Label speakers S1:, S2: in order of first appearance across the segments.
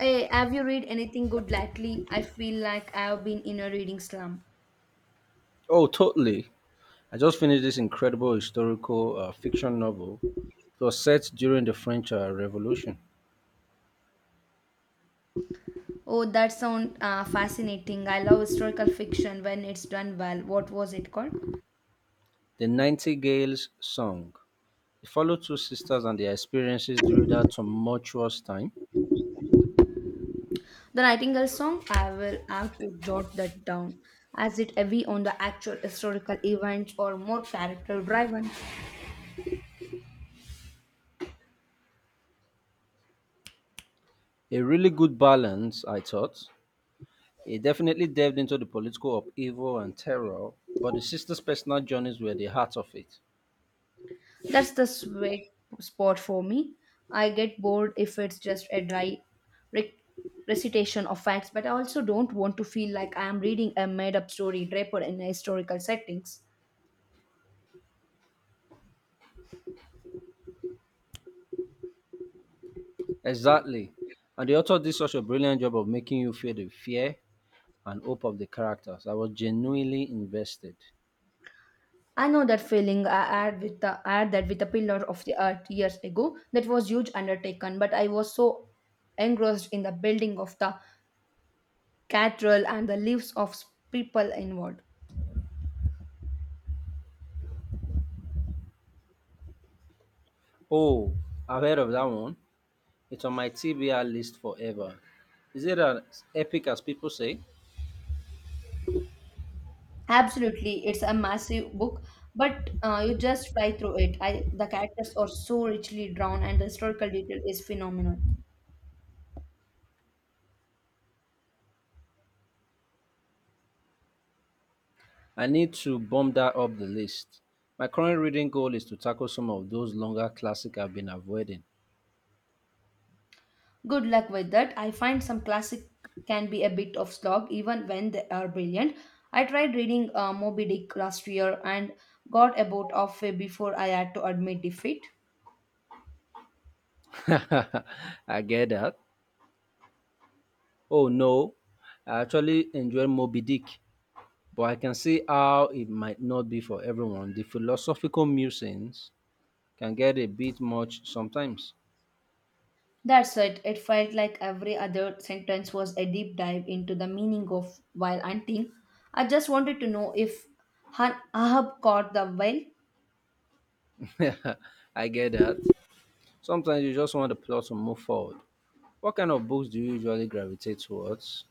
S1: Hey, have you read anything good lately? I feel like I have been in a reading slump.
S2: Oh, totally. I just finished this incredible historical fiction novel. It was set during the French Revolution,
S1: Oh, that sounds fascinating. I love historical fiction when it's done well. What was it called?
S2: The Nightingale's Song. It followed two sisters and their experiences during that tumultuous time.
S1: The Nightingale Song? I will have to jot that down. Is it heavy on the actual historical events or more character driven?
S2: A really good balance, I thought. It definitely delved into the political upheaval and terror, but the sisters' personal journeys were the heart of it.
S1: That's the sweet spot for me. I get bored if it's just a dry rec- recitation of facts, but I also don't want to feel like I am reading a made up story draper in historical settings.
S2: Exactly. And the author did such a brilliant job of making you feel the fear and hope of the characters. I was genuinely invested.
S1: I know that feeling I had with the I had that with the pillar of the earth years ago. That was huge undertaken, but I was so engrossed in the building of the cathedral and the lives of people involved.
S2: Oh, I've heard of that one. It's on my TBR list forever. Is it as epic as people say?
S1: Absolutely, it's a massive book, but you just fly through it. I, the characters are so richly drawn, and the historical detail is phenomenal.
S2: I need to bump that up the list. My current reading goal is to tackle some of those longer classics I've been avoiding.
S1: Good luck with that. I find some classic can be a bit of slog, even when they are brilliant. I tried reading Moby Dick last year and got about halfway before I had to admit defeat.
S2: I get that. Oh no, I actually enjoy Moby Dick, but I can see how it might not be for everyone. The philosophical musings can get a bit much sometimes.
S1: That's it. It felt like every other sentence was a deep dive into the meaning of while hunting. I just wanted to know if Ahab caught the whale.
S2: I get that. Sometimes you just want the plot to move forward. What kind of books do you usually gravitate towards?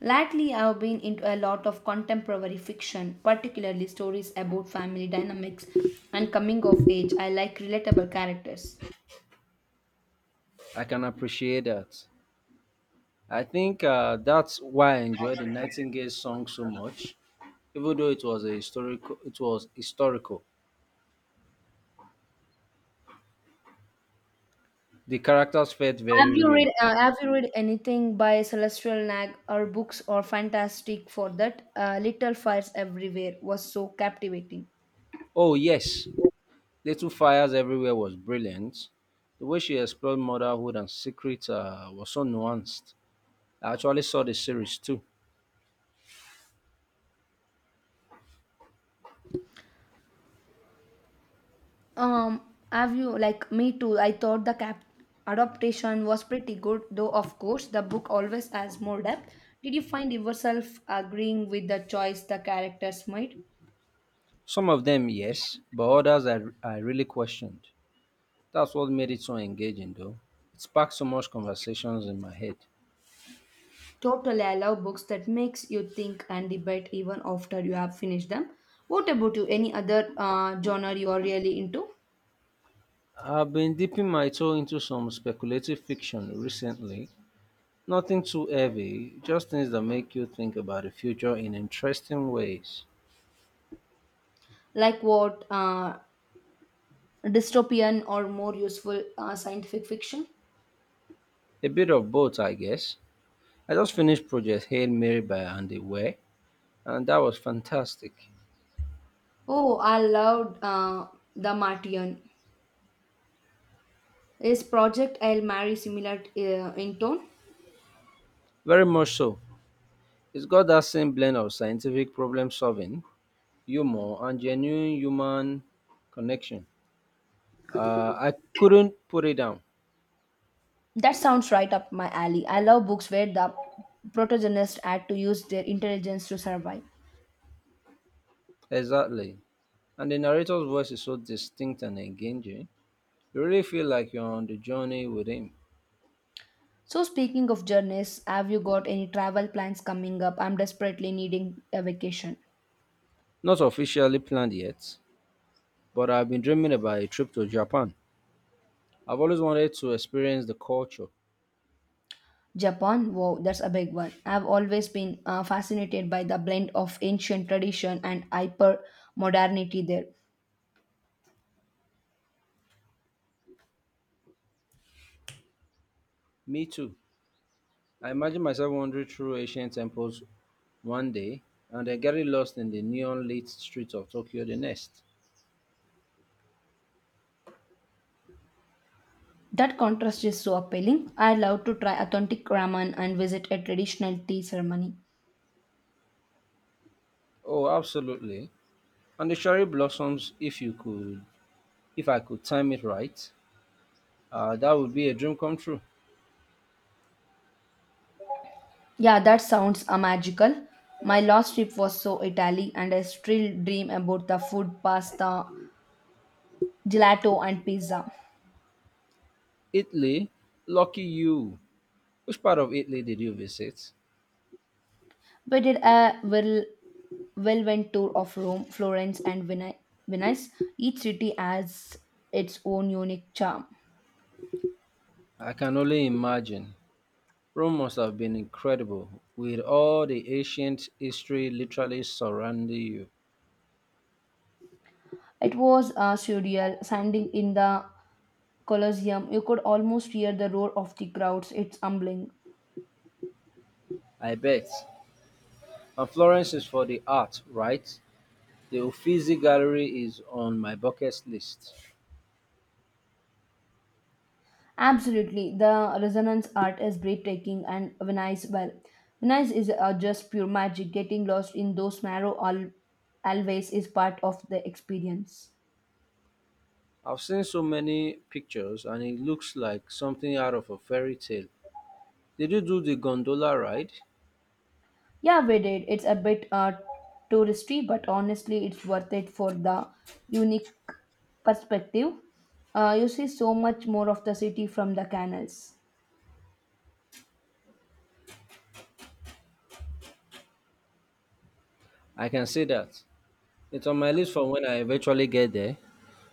S1: Lately, I've been into a lot of contemporary fiction, particularly stories about family dynamics and coming of age. I like relatable characters.
S2: I can appreciate that. I think that's why I enjoyed the Nightingale song so much, even though it was a historical. It was historical. The characters felt very real.
S1: Have you read anything by Celestial Nag? Her books are fantastic for that. Little Fires Everywhere was so captivating.
S2: Oh yes, Little Fires Everywhere was brilliant. The way she explored motherhood and secret was so nuanced. I actually saw the series too.
S1: Um, have you like me too? I thought the cap adaptation was pretty good, though. Of course, the book always has more depth. Did you find yourself agreeing with the choice the characters made?
S2: Some of them yes, but others I really questioned. That's what made it so engaging, though. It sparked so much conversations in my head.
S1: Totally, I love books that makes you think and debate even after you have finished them. What about you? Any other genre you are really into?
S2: I've been dipping my toe into some speculative fiction recently. Nothing too heavy, just things that make you think about the future in interesting ways.
S1: Like what? Dystopian or more useful scientific fiction?
S2: A bit of both, I guess. I just finished Project Hail Mary by Andy Weir, and that was fantastic.
S1: Oh, I loved The Martian. Is Project I'll Marry similar in tone?
S2: Very much so. It's got that same blend of scientific problem solving, humor, and genuine human connection. I couldn't put it down.
S1: That sounds right up my alley. I love books where the protagonists had to use their intelligence to survive.
S2: Exactly. And the narrator's voice is so distinct and engaging. You really feel like you're on the journey with him.
S1: So, speaking of journeys, have you got any travel plans coming up? I'm desperately needing a vacation.
S2: Not officially planned yet, but I've been dreaming about a trip to Japan. I've always wanted to experience the culture.
S1: Japan, wow, that's a big one. I've always been fascinated by the blend of ancient tradition and hyper modernity there.
S2: Me too. I imagine myself wandering through ancient temples one day and then getting lost in the neon lit streets of Tokyo the next.
S1: That contrast is so appealing. I love to try authentic ramen and visit a traditional tea ceremony.
S2: Oh, absolutely. And the cherry blossoms, if you could, if I could time it right, that would be a dream come true.
S1: Yeah, that sounds magical. My last trip was so Italy, and I still dream about the food, pasta, gelato, and pizza.
S2: Italy? Lucky you! Which part of Italy did you visit?
S1: We did a well whirlwind tour of Rome, Florence, and Venice. Each city has its own unique charm.
S2: I can only imagine. Rome must have been incredible, with all the ancient history literally surrounding you.
S1: It was surreal. Standing in the Colosseum, you could almost hear the roar of the crowds. It's humbling.
S2: I bet. And Florence is for the art, right? The Uffizi Gallery is on my bucket list.
S1: Absolutely, the resonance art is breathtaking, and Venice, well, Venice is just pure magic. Getting lost in those narrow always is part of the experience.
S2: I've seen so many pictures and it looks like something out of a fairy tale. Did you do the gondola ride?
S1: Yeah, we did. It's a bit touristy, but honestly, it's worth it for the unique perspective. You see so much more of the city from the canals.
S2: I can see that. It's on my list for when I eventually get there.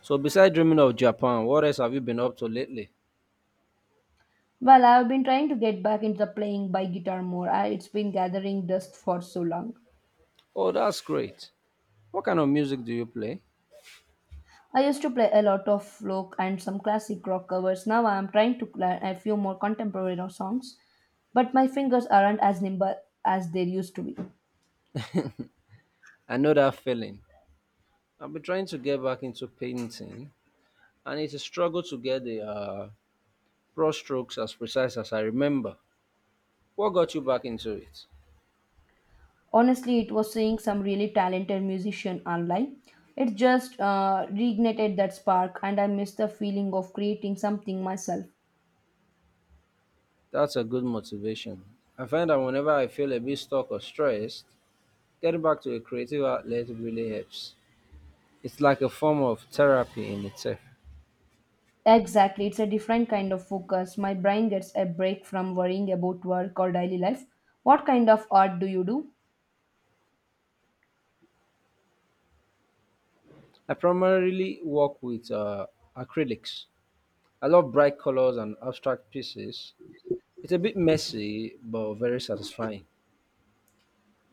S2: So, besides dreaming of Japan, what else have you been up to lately?
S1: Well, I've been trying to get back into the playing by guitar more. I, it's been gathering dust for so long.
S2: Oh, that's great. What kind of music do you play?
S1: I used to play a lot of folk and some classic rock covers. Now I'm trying to learn a few more contemporary songs, but my fingers aren't as nimble as they used to be.
S2: I know that feeling. I've been trying to get back into painting, and it's a struggle to get the brush strokes as precise as I remember. What got you back into it?
S1: Honestly, it was seeing some really talented musician online. It just reignited that spark, and I miss the feeling of creating something myself.
S2: That's a good motivation. I find that whenever I feel a bit stuck or stressed, getting back to a creative outlet really helps. It's like a form of therapy in itself.
S1: Exactly, it's a different kind of focus. My brain gets a break from worrying about work or daily life. What kind of art do you do?
S2: I primarily work with acrylics. I love bright colors and abstract pieces. It's a bit messy, but very satisfying.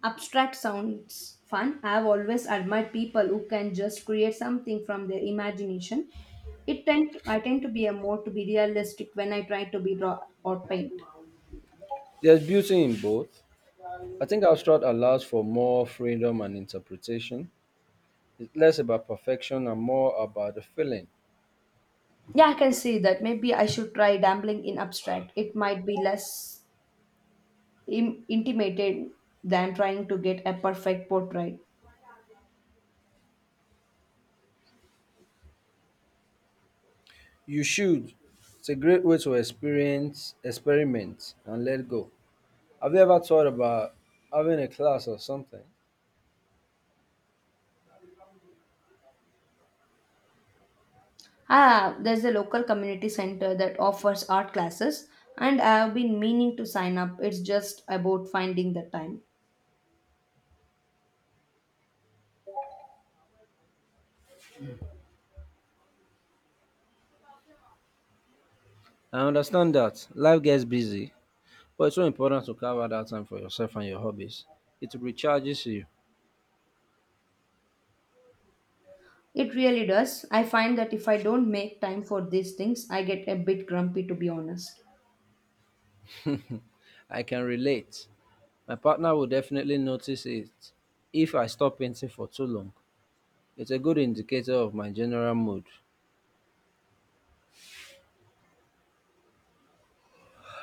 S1: Abstract sounds fun. I've always admired people who can just create something from their imagination. It tend i tend to be a more to be realistic when I try to be draw or paint.
S2: There's beauty in both. I think abstract allows for more freedom and interpretation. It's less about perfection and more about the feeling.
S1: Yeah, I can see that. Maybe I should try dabbling in abstract. It might be less intimidated than trying to get a perfect portrait.
S2: You should. It's a great way to experience, experiment, and let go. Have you ever thought about having a class or something?
S1: Ah, there's a local community center that offers art classes, and I have been meaning to sign up. It's just about finding the time.
S2: I understand that life gets busy, but it's so important to carve out that time for yourself and your hobbies. It recharges you.
S1: It really does. I find that if I don't make time for these things, I get a bit grumpy to be honest.
S2: I can relate. My partner will definitely notice it if I stop painting for too long. It's a good indicator of my general mood.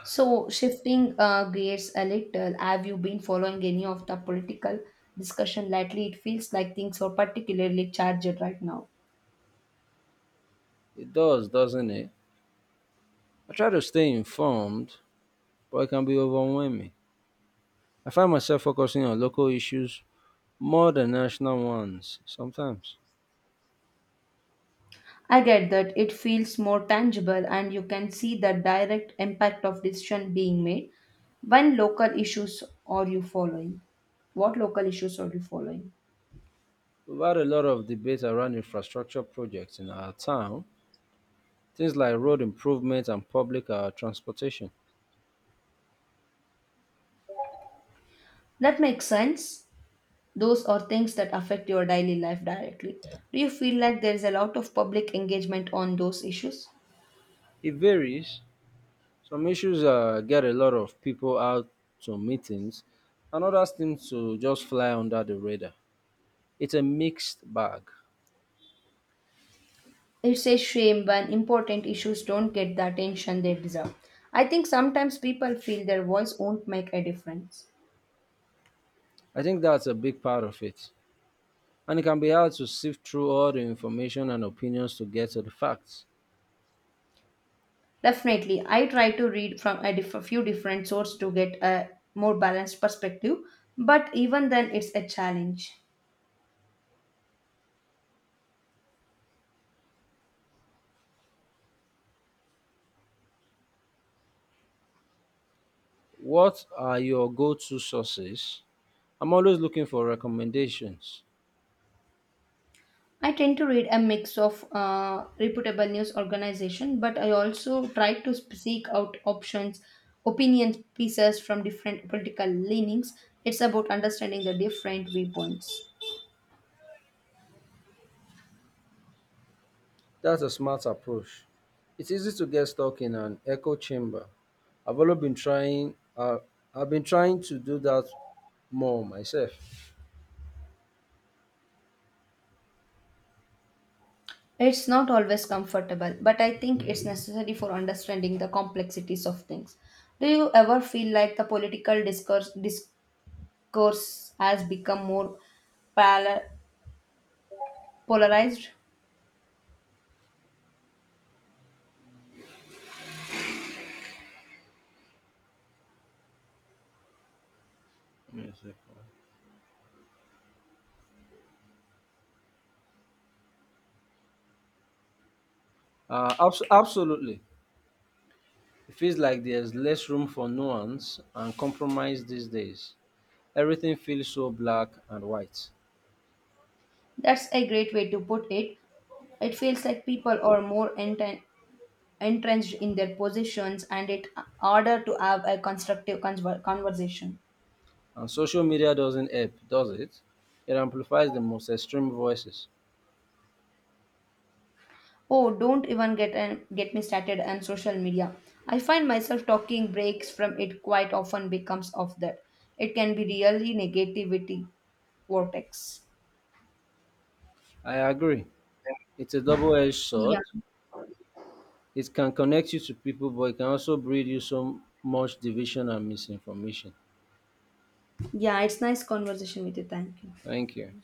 S1: So, shifting gears a little, have you been following any of the political discussion lately? It feels like things are particularly charged right now.
S2: It does, doesn't it? I try to stay informed, but it can be overwhelming. I find myself focusing on local issues more than national ones sometimes.
S1: I get that it feels more tangible and you can see the direct impact of decision being made. When local issues are you following? What local issues are you following?
S2: We've had a lot of debate around infrastructure projects in our town, things like road improvement and public transportation.
S1: That makes sense. Those are things that affect your daily life directly. Do you feel like there is a lot of public engagement on those issues?
S2: It varies. Some issues get a lot of people out to meetings, and others seem to just fly under the radar. It's a mixed bag.
S1: It's a shame when important issues don't get the attention they deserve. I think sometimes people feel their voice won't make a difference.
S2: I think that's a big part of it. And it can be hard to sift through all the information and opinions to get to the facts.
S1: Definitely, I try to read from a few different sources to get a more balanced perspective, but even then, it's a challenge.
S2: What are your go to sources? I'm always looking for recommendations.
S1: I tend to read a mix of reputable news organization, but I also try to seek out options, opinion pieces from different political leanings. It's about understanding the different viewpoints.
S2: That's a smart approach. It's easy to get stuck in an echo chamber. I've always been trying. I've been trying to do that more myself.
S1: It's not always comfortable, but I think it's necessary for understanding the complexities of things. Do you ever feel like the political discourse has become more pala- polarized?
S2: Absolutely, it feels like there's less room for nuance and compromise these days. Everything feels so black and white,
S1: That's a great way to put it. It feels like people are more entrenched in their positions and it harder to have a constructive conversation.
S2: and social media doesn't help, does it? It amplifies the most extreme voices.
S1: Oh, don't even get me started on social media. I find myself talking breaks from it quite often becomes of that. It can be really negativity vortex.
S2: I agree. It's a double-edged
S1: Yeah.
S2: sword. It can connect you to people, but it can also breed you so much division and misinformation.
S1: Yeah, it's nice conversation with you. Thank you.
S2: Thank you.